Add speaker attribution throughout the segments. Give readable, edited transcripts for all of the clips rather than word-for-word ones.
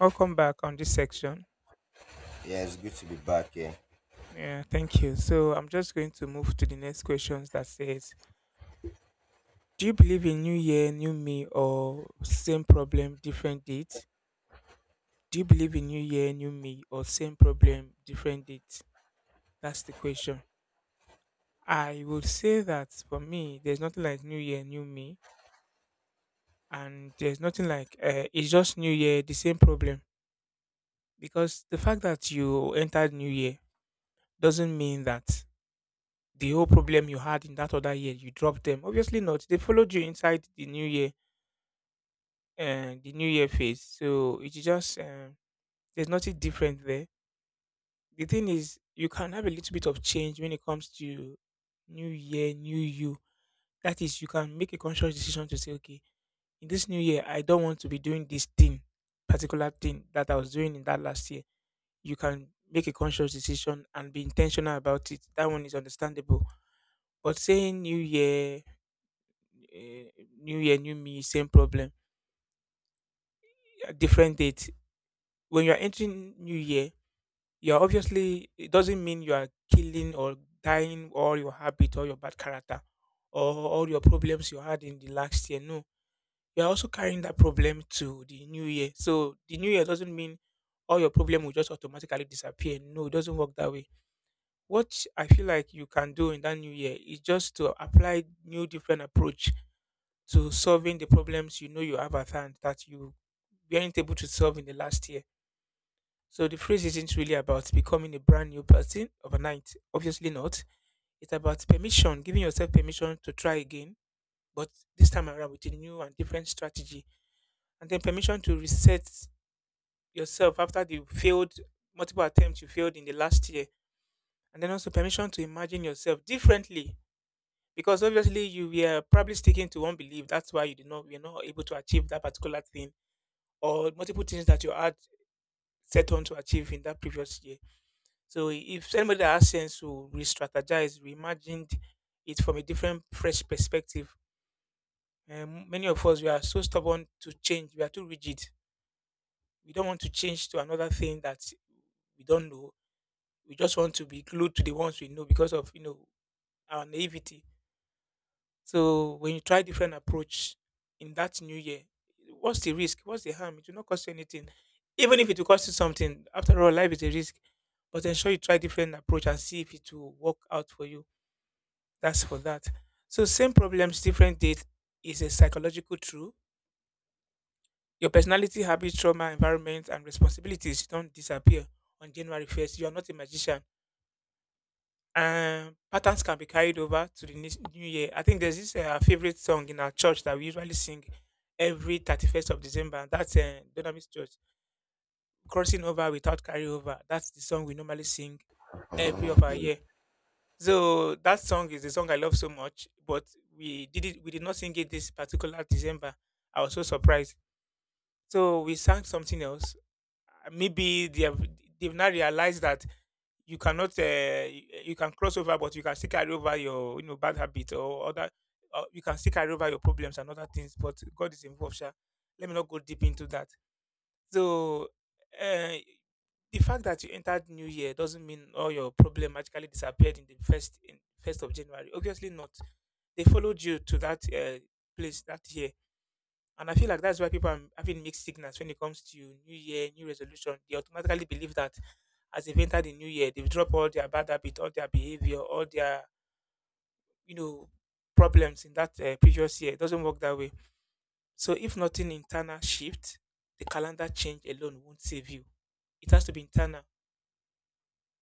Speaker 1: Welcome back on this section.
Speaker 2: Yeah, it's good to be back here.
Speaker 1: Yeah, thank you. So I'm just going to move to the next questions that says, do you believe in new year, new me or same problem, different date? Do you believe in new year, new me or same problem, different date? That's the question. I would say that for me, there's nothing like new year, new me, and there's nothing like it's just new year, the same problem, because the fact that you entered new year doesn't mean that the whole problem you had in that other year, you dropped them. Obviously not. They followed you inside the new year phase. So it's just there's nothing different there. The thing is, you can have a little bit of change when it comes to new year, new you. That is, you can make a conscious decision to say, okay, in this new year, I don't want to be doing this thing, particular thing that I was doing in that last year. You can make a conscious decision and be intentional about it. That one is understandable. But saying new year, eh, new year, new me, same problem, yeah, different date. When you're entering new year, you're obviously, it doesn't mean you are killing or dying all your habit or your bad character or all your problems you had in the last year. No, you're also carrying that problem to the new year. So the new year doesn't mean all your problem will just automatically disappear. No, it doesn't work that way. What I feel like you can do in that new year is just to apply new different approach to solving the problems you know you have at hand that you weren't able to solve in the last year. So the phrase isn't really about becoming a brand new person overnight. Obviously not. It's about permission, giving yourself permission to try again, but this time around with a new and different strategy. And then permission to reset yourself after the failed multiple attempts you failed in the last year. And then also permission to imagine yourself differently. Because obviously you were probably sticking to one belief. That's why you're not able to achieve that particular thing or multiple things that you had set on to achieve in that previous year. So if somebody that has sense will re-strategize, reimagined it from a different, fresh perspective. And many of us we are so stubborn to change. We are too rigid. We don't want to change to another thing that we don't know. We just want to be glued to the ones we know because of, you know, our naivety. So when you try different approach in that new year, what's the risk? What's the harm? It will not cost you anything. Even if it will cost you something, after all, life is a risk. But ensure you try different approach and see if it will work out for you. That's for that. So same problems, different date is a psychological truth. Your personality, habits, trauma, environment, and responsibilities don't disappear on January 1st. You are not a magician. Patterns can be carried over to the next new year. I think there's this favorite song in our church that we usually sing every 31st of December. And That's Dunamis Church. Crossing over without carryover. That's the song we normally sing every of our
Speaker 2: Yeah.
Speaker 1: year. So that song is the song I love so much, but We did not sing it this particular December. I was so surprised. So we sang something else. Maybe they have they've now realized that you cannot you can cross over but you can still carry over your, you know, bad habits or other you can still carry over your problems and other things, but god is involved sha. Let me not go deep into that. So uh, the fact that you entered new year doesn't mean all your problem magically disappeared in the first in first of January. Obviously not. They followed you to that place that year. And I feel like that's why people are having mixed signals when it comes to New Year, New Resolution. They automatically believe that as they've entered the New Year, they've dropped all their bad habits, all their behavior, all their, you know, problems in that previous year. It doesn't work that way. So if nothing internal shift, the calendar change alone won't save you. It has to be internal.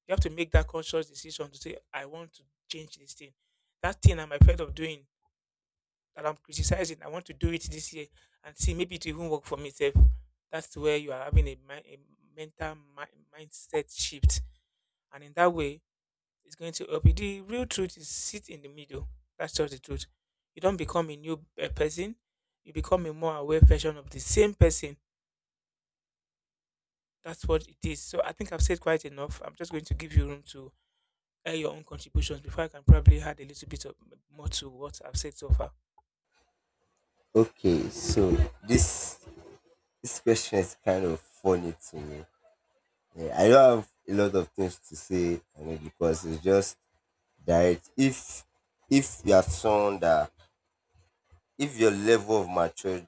Speaker 1: You have to make that conscious decision to say, I want to change this thing. That thing I'm afraid of doing, that I'm criticizing, I want to do it this year and see maybe it will even work for me self. That's where you are having a, a mental mindset shift, and in that way, it's going to help you. The real truth is sit in the middle. That's just the truth. You don't become a new person. You become a more aware version of the same person. That's what it is. So I think I've said quite enough. I'm just going to give you room to air your own contributions before I can probably add a little bit of more to what I've said so far.
Speaker 2: Okay, so This this question is kind of funny to me. Yeah, I don't have a lot of things to say on it because it's just direct. If you are someone that if your level of maturity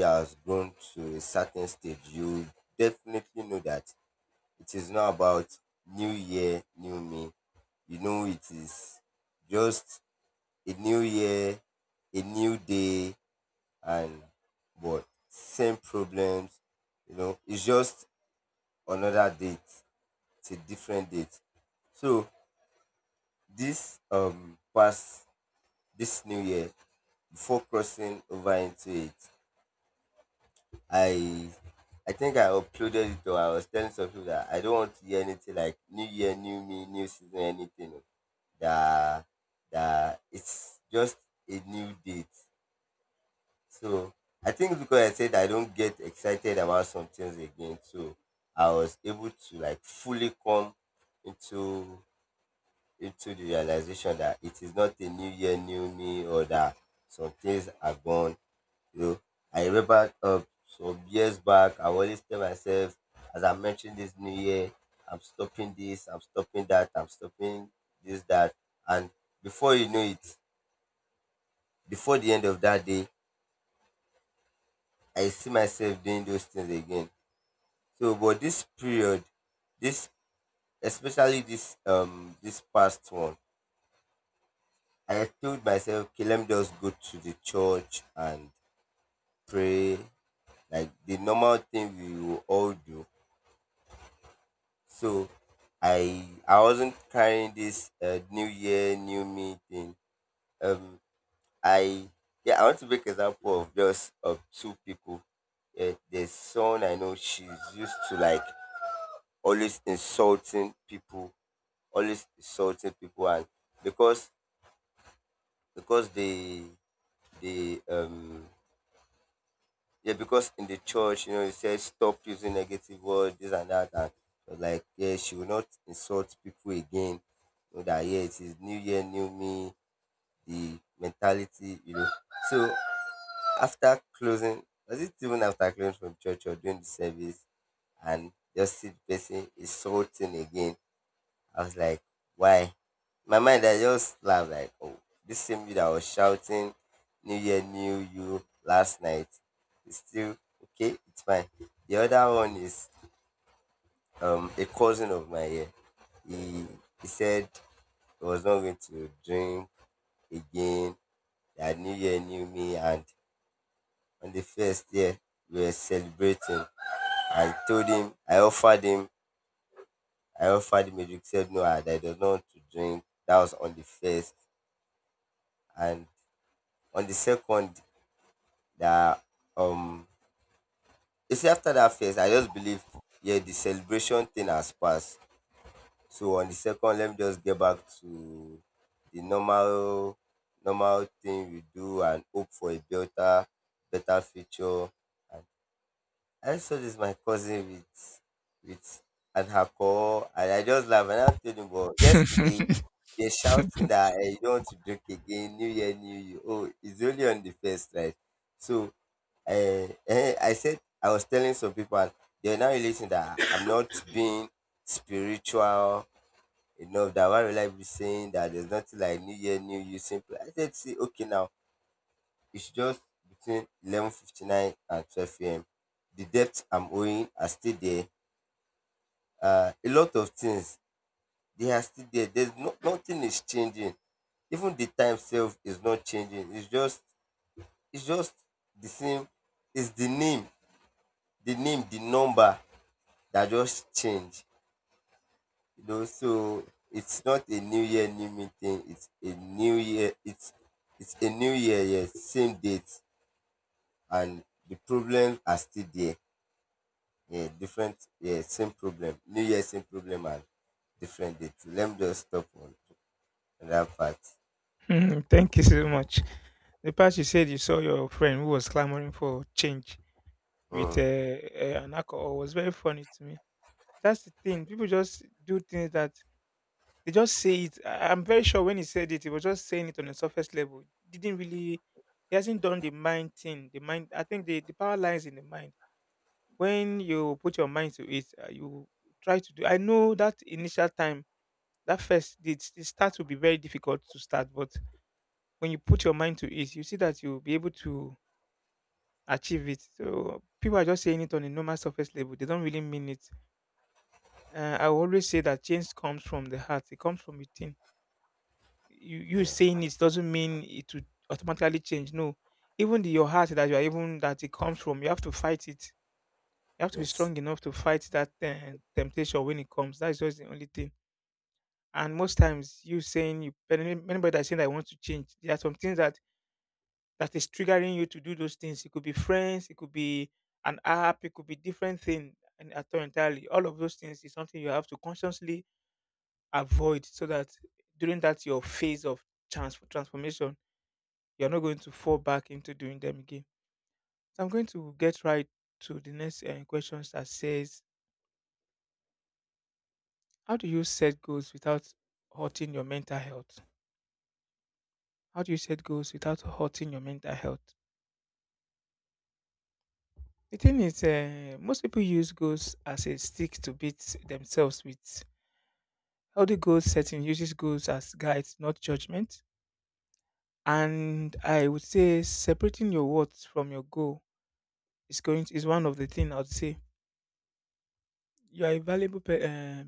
Speaker 2: has grown to a certain stage, you definitely know that it is not about new year, new me. You know it is just a new year, a new day, and but same problems. You know it's just another date. It's a different date. So this past this new year, before crossing over into it, i I think I uploaded it, or I was telling some people that I don't want to hear anything like new year, new me, new season, anything that that it's just a new date. So I think because I said I don't get excited about some things again, so I was able to like fully come into into the realization that it is not a new year, new me, or that some things are gone. You know, I remember some years back. I always tell myself, as I mentioned this new year, I'm stopping this, I'm stopping that, I'm stopping this, that, and before you know it, before the end of that day, I see myself doing those things again. So, but this period, this especially this this past one, I told myself, okay, let me just go to the church and pray, like the normal thing we will all do. So, I wasn't carrying this new year, new me thing. Um, I Yeah, I want to make example of just of two people. There's someone I know, she's used to like always insulting people, always insulting people. And because because they yeah, because in the church, you know, it says stop using negative words, this and that. And I was like, yeah, she will not insult people again, you know. That, yeah, it is new year, new me, the mentality, you know. So after closing, was it even after closing from church or during the service, and just see the person insulting again. I was like, why? My mind, I just laughed like, oh, this same you that was shouting New Year, New You last night is still okay. It's fine. The other one is a cousin of mine here. He he said he was not going to drink again. That New Year, New Me, and on the first year, we were celebrating. I told him, I offered him a drink. Said no, I don't want to drink. That was on the first, and on the second, that um you see, after that first, I just believe, yeah, the celebration thing has passed. So on the second, let me just get back to the normal thing we do, and hope for a better future. And I saw this, my cousin, with with an alcohol. And I just laugh, and I told him, but yesterday, they're shouting that, hey, you don't want to drink again, New Year, New You. Oh, it's only on the first, right? So I said, I was telling some people, they're now relating that I'm not being spiritual enough. That why will I be saying that there's nothing like New Year, New You? Simple. I said, see, okay, now it's just between 11:59 and 12 a.m. The debt I'm owing are still there. A lot of things, they are still there. There's no, nothing is changing. Even the time sef is not changing. It's just the same. It's the name, the number that just change. You know, so it's not a new year, new me thing. It's a new year. It's a new year. Yes, same date, and the problems are still there. Yeah, different. Yeah, same problem. New year, same problem, and different date. Let me just stop on that part.
Speaker 1: Hmm, thank you so much. The past you said you saw your friend who was clamoring for change with
Speaker 2: Mm,
Speaker 1: an alcohol was very funny to me. That's the thing. People just do things that they just say it. I'm very sure when he said it, he was just saying it on a surface level. Didn't really, he hasn't done the mind thing. The mind, I think the power lies in the mind. When you put your mind to it, you try to do. I know that initial time, that first, the start will be very difficult to start, but when you put your mind to it, you see that you'll be able to achieve it. So people are just saying it on a normal surface level. They don't really mean it. I always say that change comes from the heart. It comes from within. You saying it doesn't mean it would automatically change. No, even your heart that you are even that it comes from, you have to fight it. You have to be
Speaker 2: yes.
Speaker 1: strong enough to fight that temptation when it comes. That's just the only thing. And most times, you saying you anybody that saying that I want to change, there are some things that is triggering you to do those things. It could be friends, it could be an app, it could be different thing and at all entirely. All of those things is something you have to consciously avoid so that during that your phase of transformation, you're not going to fall back into doing them again. So I'm going to get right to the next question that says, how do you set goals without hurting your mental health? How do you set goals without hurting your mental health? The thing is, most people use goals as a stick to beat themselves with. Healthy goal setting uses goals as guides, not judgment. And I would say separating your worth from your goal is going to, is one of the things I would say. You are a valuable pe- uh,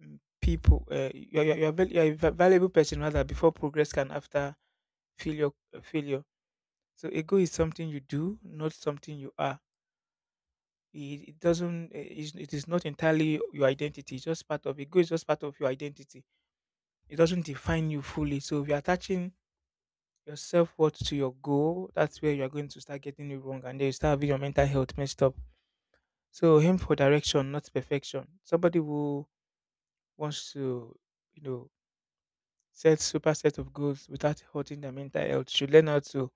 Speaker 1: mm, people. You are you are a valuable person rather before progress can after failure. Failure. So a goal is something you do, not something you are. It doesn't. It is not entirely your identity. It's just part of it. Goal is just part of your identity. It doesn't define you fully. So if you're attaching your self worth to your goal, that's where you are going to start getting it wrong and then you start having your mental health messed up. So aim for direction, not perfection. Somebody who wants to, you know, set super set of goals without hurting their mental health should learn how to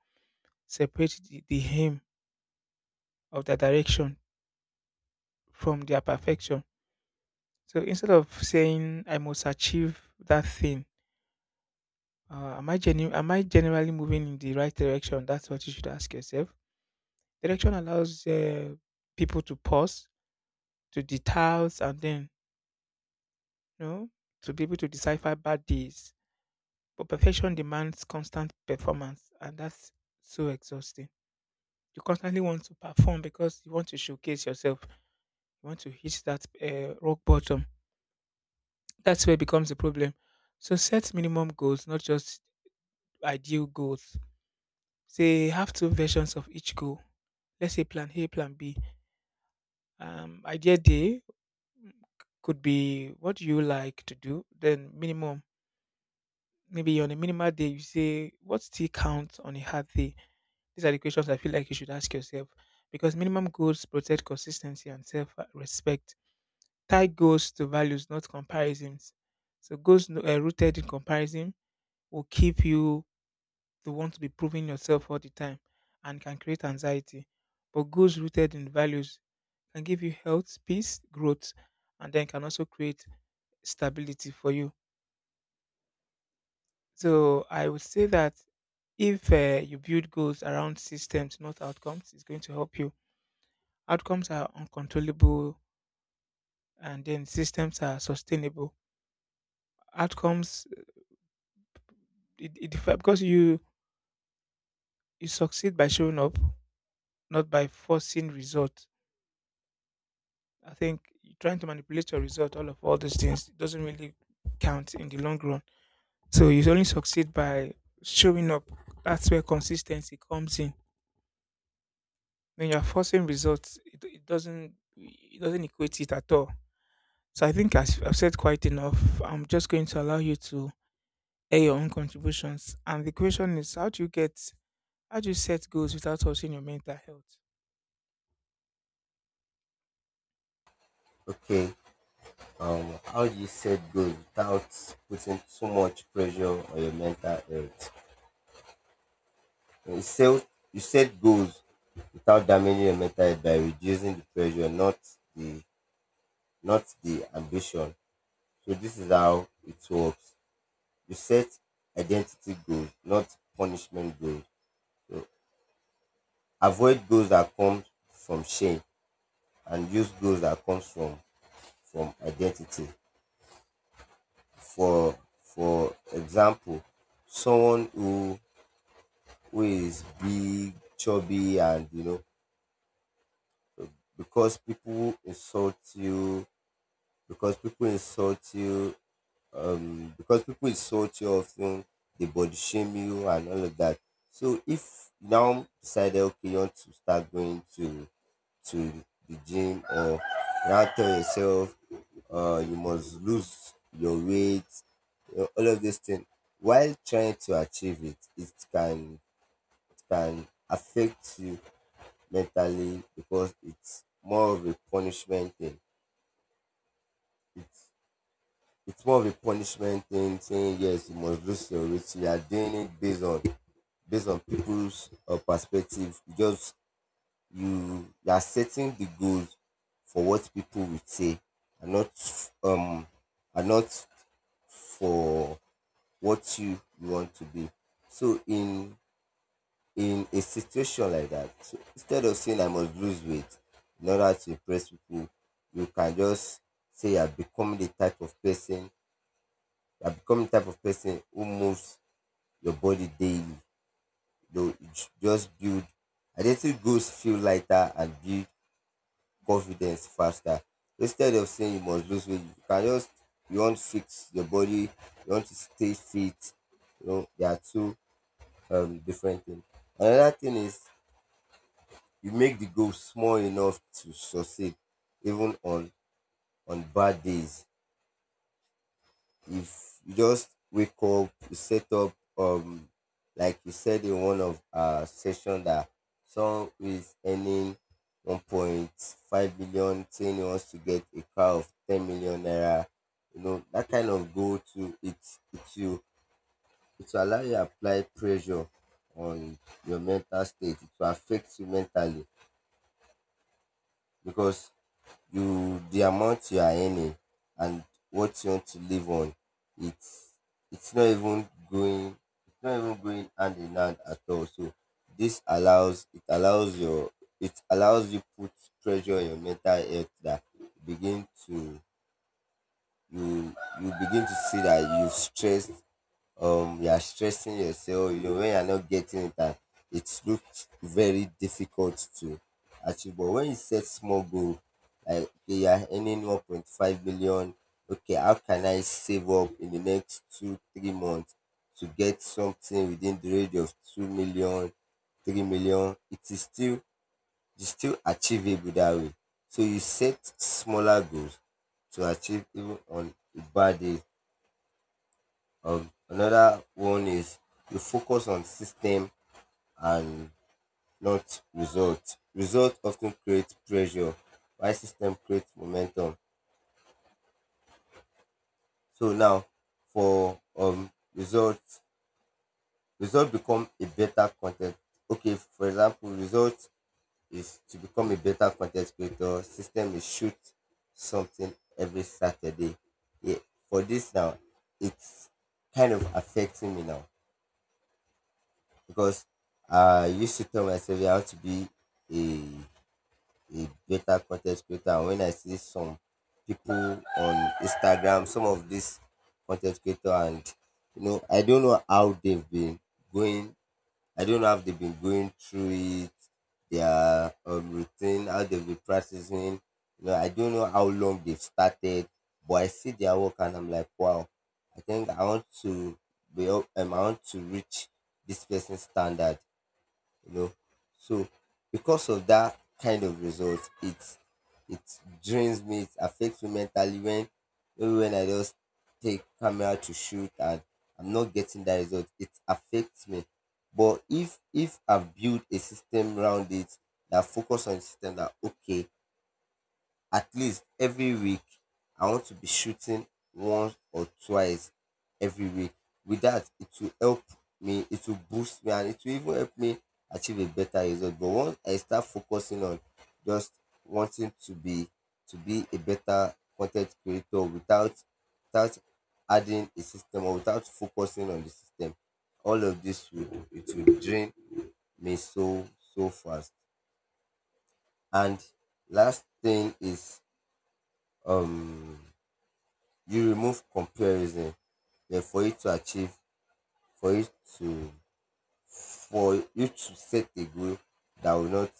Speaker 1: separate the aim of their direction from their perfection. So instead of saying I must achieve that thing, am I generally moving in the right direction? That's what you should ask yourself. Direction allows people to pause to details and then, you know, to be able to decipher bad days. But perfection demands constant performance, and that's so exhausting. You constantly want to perform because you want to showcase yourself. You want to hit that rock bottom. That's where it becomes a problem. So set minimum goals, not just ideal goals. Say have two versions of each goal. Let's say plan A, plan B. Idea day mm, could be what do you like to do. Then minimum maybe on a minimal day, you say, what still counts on a hard day? These are the questions I feel like you should ask yourself because minimum goals protect consistency and self respect. Tie goals to values, not comparisons. So, goals no- rooted in comparison will keep you to want to be proving yourself all the time and can create anxiety. But goals rooted in values can give you health, peace, growth, and then can also create stability for you. So I would say that if you build goals around systems, not outcomes, it's going to help you. Outcomes are uncontrollable, and then systems are sustainable. Outcomes, because you succeed by showing up, not by forcing result. I think trying to manipulate your result, all of all these things, it doesn't really count in the long run. So you only succeed by showing up. That's where consistency comes in. When you're forcing results, it doesn't equate it at all. So I think I've said quite enough. I'm just going to allow you to air your own contributions. And the question is, how do you set goals without touching your mental health?
Speaker 2: Okay. How do you set goals without putting too much pressure on your mental health? You set goals without damaging your mental health by reducing the pressure, the not the ambition. So this is how it works. You set identity goals, not punishment goals. So avoid goals that come from shame, and use goals that comes from identity. For for example, someone who is big, chubby, and, you know, because people insult you, because people insult you, because people insult you often, they body shame you and all of that. So if you now decided, okay, you want to start going to the gym, or you now tell yourself you must lose your weight, you know, all of these things. While trying to achieve it, it can affect you mentally because it's more of a punishment thing. It's it's more of a punishment thing, saying, yes, you must lose your weight. You are doing it based on people's perspective. You are setting the goals for what people would say, and not for what you want to be. So in a situation like that. So instead of saying I must lose weight in order to impress people, you can just say you are becoming the type of person, you are becoming the type of person who moves your body daily. You know, you just build identity goals, feel lighter, and build confidence faster. Instead of saying you must lose weight, you can just, you want to fix your body, you want to stay fit. You know, they are two different things. Another thing is, you make the goal small enough to succeed, even on bad days. If you just wake up, you set up, like you said in one of our session, that someone who is earning 1.5 million, saying he wants to get a car of 10 million naira, you know, that kind of goal to it, it will, it will allow you to apply pressure on your mental state. It will affect you mentally because you, the amount you are earning and what you want to live on, it's it's not even going hand in hand at all. So this allows it allows your it allows you put pressure on your mental health, that you begin to see that you stressed, you are stressing yourself, you know, when you are not getting it, and it looks very difficult to achieve. But when you set small goal, like, okay, you are earning 1.5 million. Okay, how can I save up in the next 2 3 months to get something within the range of two million three million. It is still achievable that way. So you set smaller goals to achieve, even on a bad day. Another one is you focus on system and not result. Result often creates pressure, while system creates momentum. So now for results, result become a better content. Okay, for example, result is to become a better content creator. System is shoot something every Saturday. Yeah, for this now, it's kind of affecting me now, because I used to tell myself I want to be a a better content creator. And when I see some people on Instagram, some of these content creator, and, you know, I don't know how they've been going. I don't know how they've been going through it, their routine, how they've been practicing. You know, I don't know how long they've started, but I see their work and I'm like, wow. I think I want to be. I want to reach this person's standard, you know. So because of that kind of result, it drains me, it affects me mentally, when maybe when I just take camera to shoot and I'm not getting that result, it affects me. But if I have built a system around it that focus on the system, that, okay, at least every week, I want to be shooting once or twice every week. With that, it will help me, it will boost me, and it will even help me achieve a better result. But once I start focusing on just wanting to be a better content creator, without adding a system, or without focusing on the system, all of this will it will drain me so fast. And last thing is um you remove comparison. Then for you to achieve for you to for you to set a goal that will not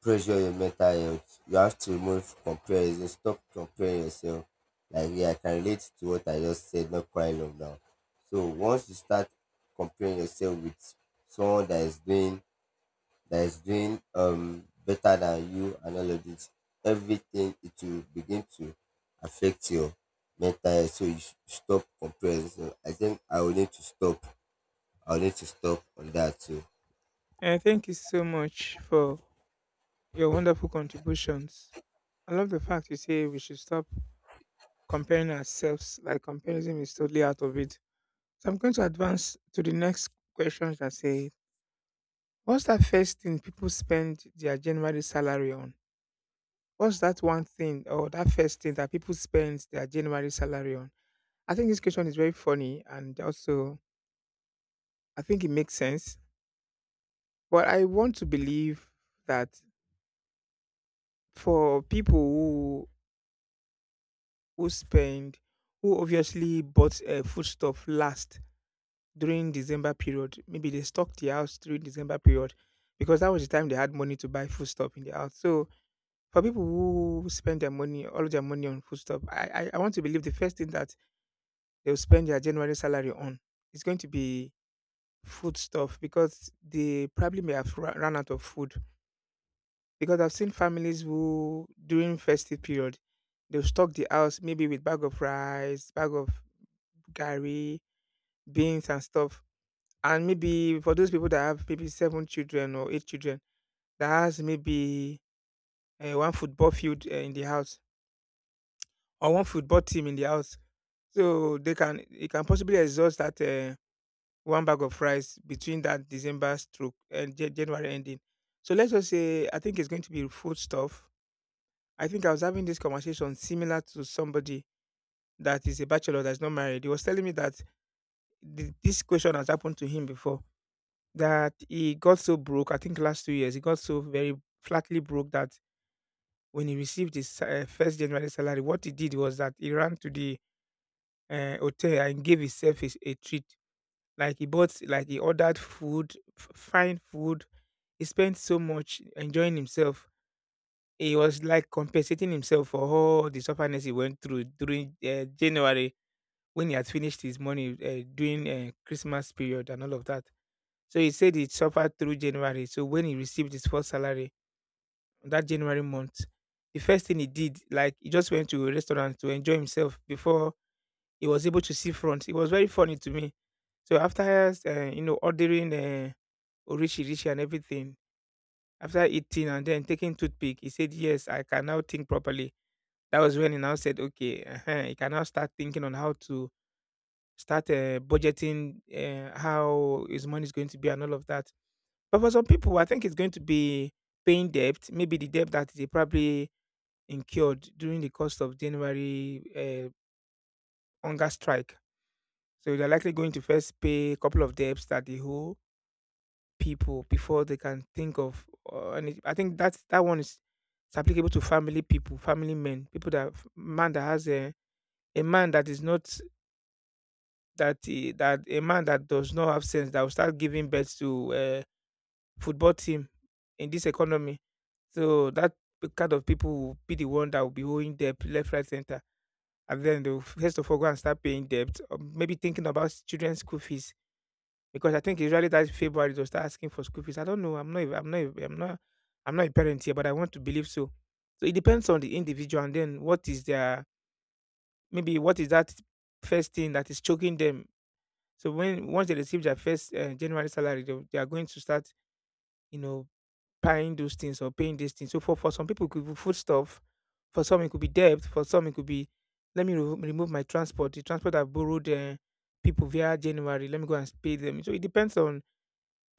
Speaker 2: pressure your mental health, you have to remove comparison, stop comparing yourself. Like me, I can relate to what I just said not quite long now. So once you start comparing yourself with someone that is doing better than you and all of this, everything, it will begin to affect your mental health. So you should stop comparing. So I think I will need to stop. I will need to stop on that too.
Speaker 1: And thank you so much for your wonderful contributions. I love the fact you say we should stop comparing ourselves. Like comparison is totally out of it. So I'm going to advance to the next questions that say, what's that first thing people spend their January salary on? What's that one thing or that first thing that people spend their January salary on? I think this question is very funny and also I think it makes sense. But I want to believe that for people who spend who obviously bought foodstuff last during December period, maybe they stocked the house during December period because that was the time they had money to buy foodstuff in the house. So for people who spend their money, all of their money on foodstuff, I want to believe the first thing that they'll spend their January salary on. It's going to be food stuff because they probably may have run out of food. Because I've seen families who, during festive period, they'll stock the house maybe with bag of rice, bag of gari, beans and stuff. And maybe for those people that have maybe seven children or eight children, that has maybe one football field in the house or one football team in the house, so they can it can possibly exhaust that. One bag of rice between that December stroke and January ending. So let's just say I think it's going to be food stuff. I think I was having this conversation similar to somebody that is a bachelor that's not married. He was telling me that this question has happened to him before, that he got so broke. I think last 2 years he got so very flatly broke that when he received his first January salary, what he did was that he ran to the hotel and gave himself a treat. Like he bought, like he ordered food, fine food. He spent so much enjoying himself. He was like compensating himself for all the sufferness he went through during January when he had finished his money during Christmas period and all of that. So he said he suffered through January. So when he received his first salary on that January month, the first thing he did, like he just went to a restaurant to enjoy himself before he was able to see front. It was very funny to me. So after you know ordering orishi and everything, after eating and then taking toothpick, he said, "Yes, I can now think properly." That was when he now said, okay, he can now start thinking on how to start budgeting, how his money is going to be, and all of that. But for some people, I think it's going to be paying debt, maybe the debt that they probably incurred during the course of January hunger strike. So they're likely going to first pay a couple of debts that they owe people before they can think of any. I think that's that one is it's applicable to family people, family men, people that man that has a man that is not that he, that a man that does not have sense that will start giving birth to a football team in this economy. So that kind of people will be the one that will be owing debt left, right, center, and then they'll first of all go and start paying debt, or maybe thinking about children's school fees. Because I think usually that February they'll start asking for school fees. I don't know. I'm not. A- I'm not. A- I'm not. I'm not a parent here, but I want to believe so. So it depends on the individual, and then what is that first thing that is choking them. So when once they receive their first January salary, they are going to start, you know, buying those things or paying these things. So for some people, it could be food stuff. For some, it could be debt. For some, it could be, let me remove my transport. The transport I borrowed people via January. Let me go and pay them. So it depends on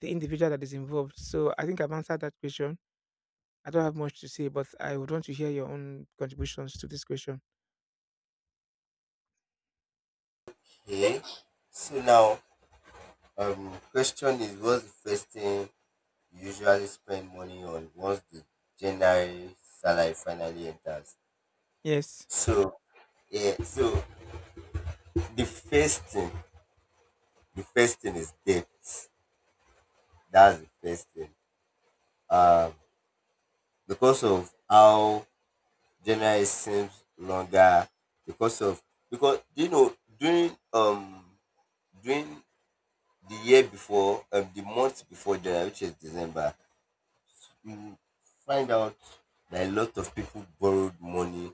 Speaker 1: the individual that is involved. So I think I've answered that question. I don't have much to say, but I would want to hear your own contributions to this question.
Speaker 2: Okay. So now, question is, what's the first thing you usually spend money on once the January salary finally enters?
Speaker 1: Yes.
Speaker 2: So yeah, so the first thing, the first thing is debt. That's the first thing. Uh because of how January seems longer, because of because you know, during during the year before, the month before January, which is December, you find out that a lot of people borrowed money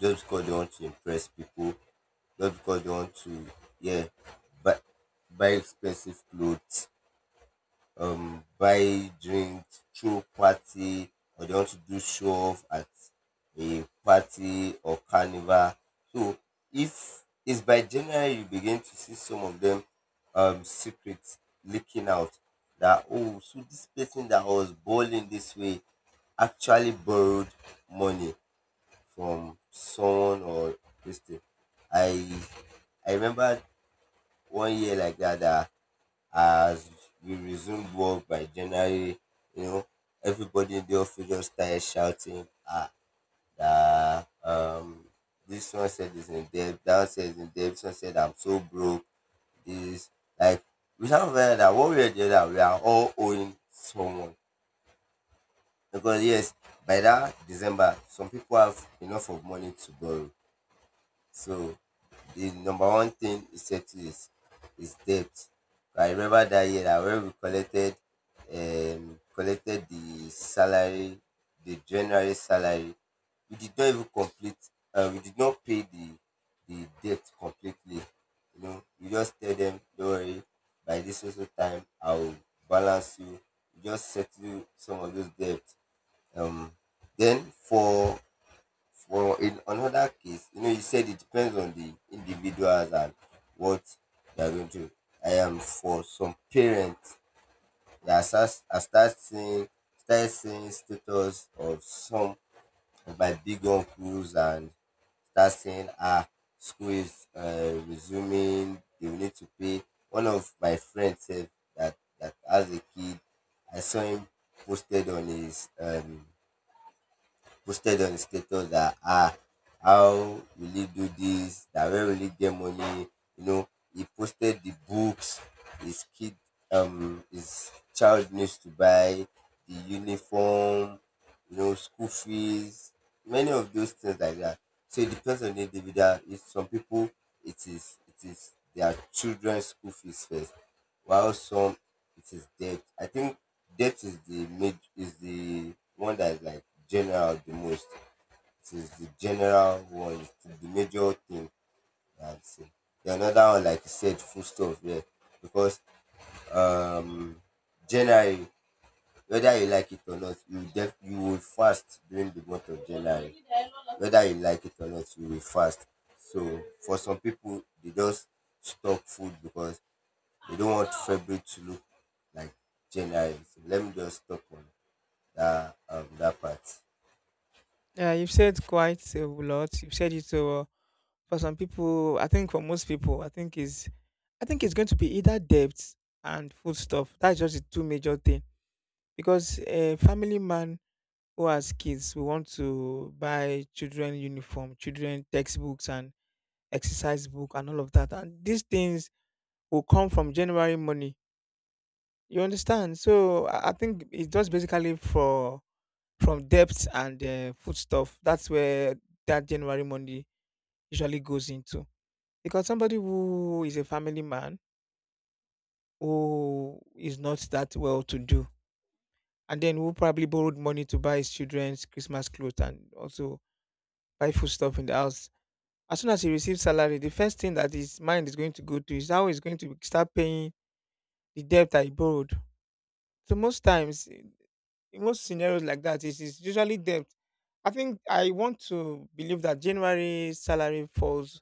Speaker 2: just because they want to impress people, just because they want to, yeah buy buy expensive clothes, buy drinks, throw party, or they want to do show off at a party or carnival. So if it's by January, you begin to see some of them, um, secrets leaking out, that oh, so this person that was balling this way actually borrowed money from someone or this thing. I I remember one year like that, that as we resumed work by January, you know, everybody in the office just started shouting, ah, that, this one said is in debt, that one said is in debt, this one said I'm so broke, this, like, we have realized that one way or the other, we are all owing someone. Because yes, by that December, some people have enough of money to borrow. So the number one thing is settle is debt. I remember that year that when we collected collected the salary, the January salary, we did not even complete, we did not pay the debt completely. You know, we just tell them, don't worry, by this also time I will balance you. You just settle some of those debts. Um then for in another case, you know, you said it depends on the individuals and what they are going to. I am for some parents that start, I start seeing status of some of my big uncles and start seeing, ah, school is resuming. They will need to pay. One of my friends said that that as a kid, I saw him posted on his posted on the status that, ah, how will he do this, that where will he get money, you know. He posted the books his kid, his child needs to buy, the uniform, you know, school fees, many of those things like that. So it depends on the individual. If some people, it is their children's school fees first, while some, it is debt. I think death is the one that is like general the most. It is the general one, it's the major thing that I've seen. The another one, like you said, food stuff, yeah. Because January, whether you like it or not, you will fast during the month of January. Whether you like it or not, you will fast. So for some people, they just stop food because they don't want February to look like January. So let me just stop on that part.
Speaker 1: Yeah, you've said quite a lot. You've said it for some people. I think for most people, I think it's going to be either debt and food stuff. That's just the two major thing, because a family man who as kids we want to buy children uniform, children textbooks and exercise book and all of that. And these things will come from January money. You understand? So I think it's just basically for from debts and foodstuff. That's where that January money usually goes into. Because somebody who is a family man who is not that well to do and then who probably borrowed money to buy his children's Christmas clothes and also buy food stuff in the house, as soon as he receives salary, the first thing that his mind is going to go to is how he's going to start paying the debt that he borrowed. So most times, in most scenarios like that, it is usually debt. I think I want to believe that January salary falls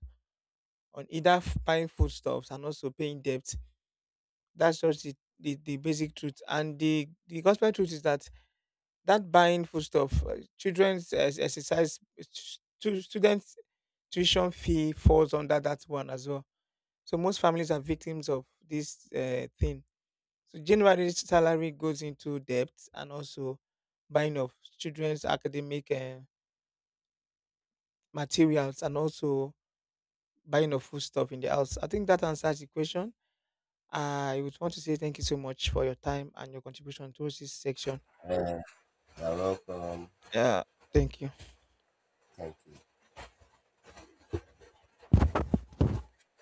Speaker 1: on either buying foodstuffs and also paying debt. That's just the basic truth. And the gospel truth is that buying foodstuff, children's students' tuition fee falls under that one as well. So most families are victims of this thing. So January's salary goes into debt and also buying of children's academic materials and also buying of food stuff in the house. I think that answers the question. I would want to say thank you so much for your time and your contribution towards this section.
Speaker 2: You're welcome.
Speaker 1: Yeah, thank you.
Speaker 2: Thank you.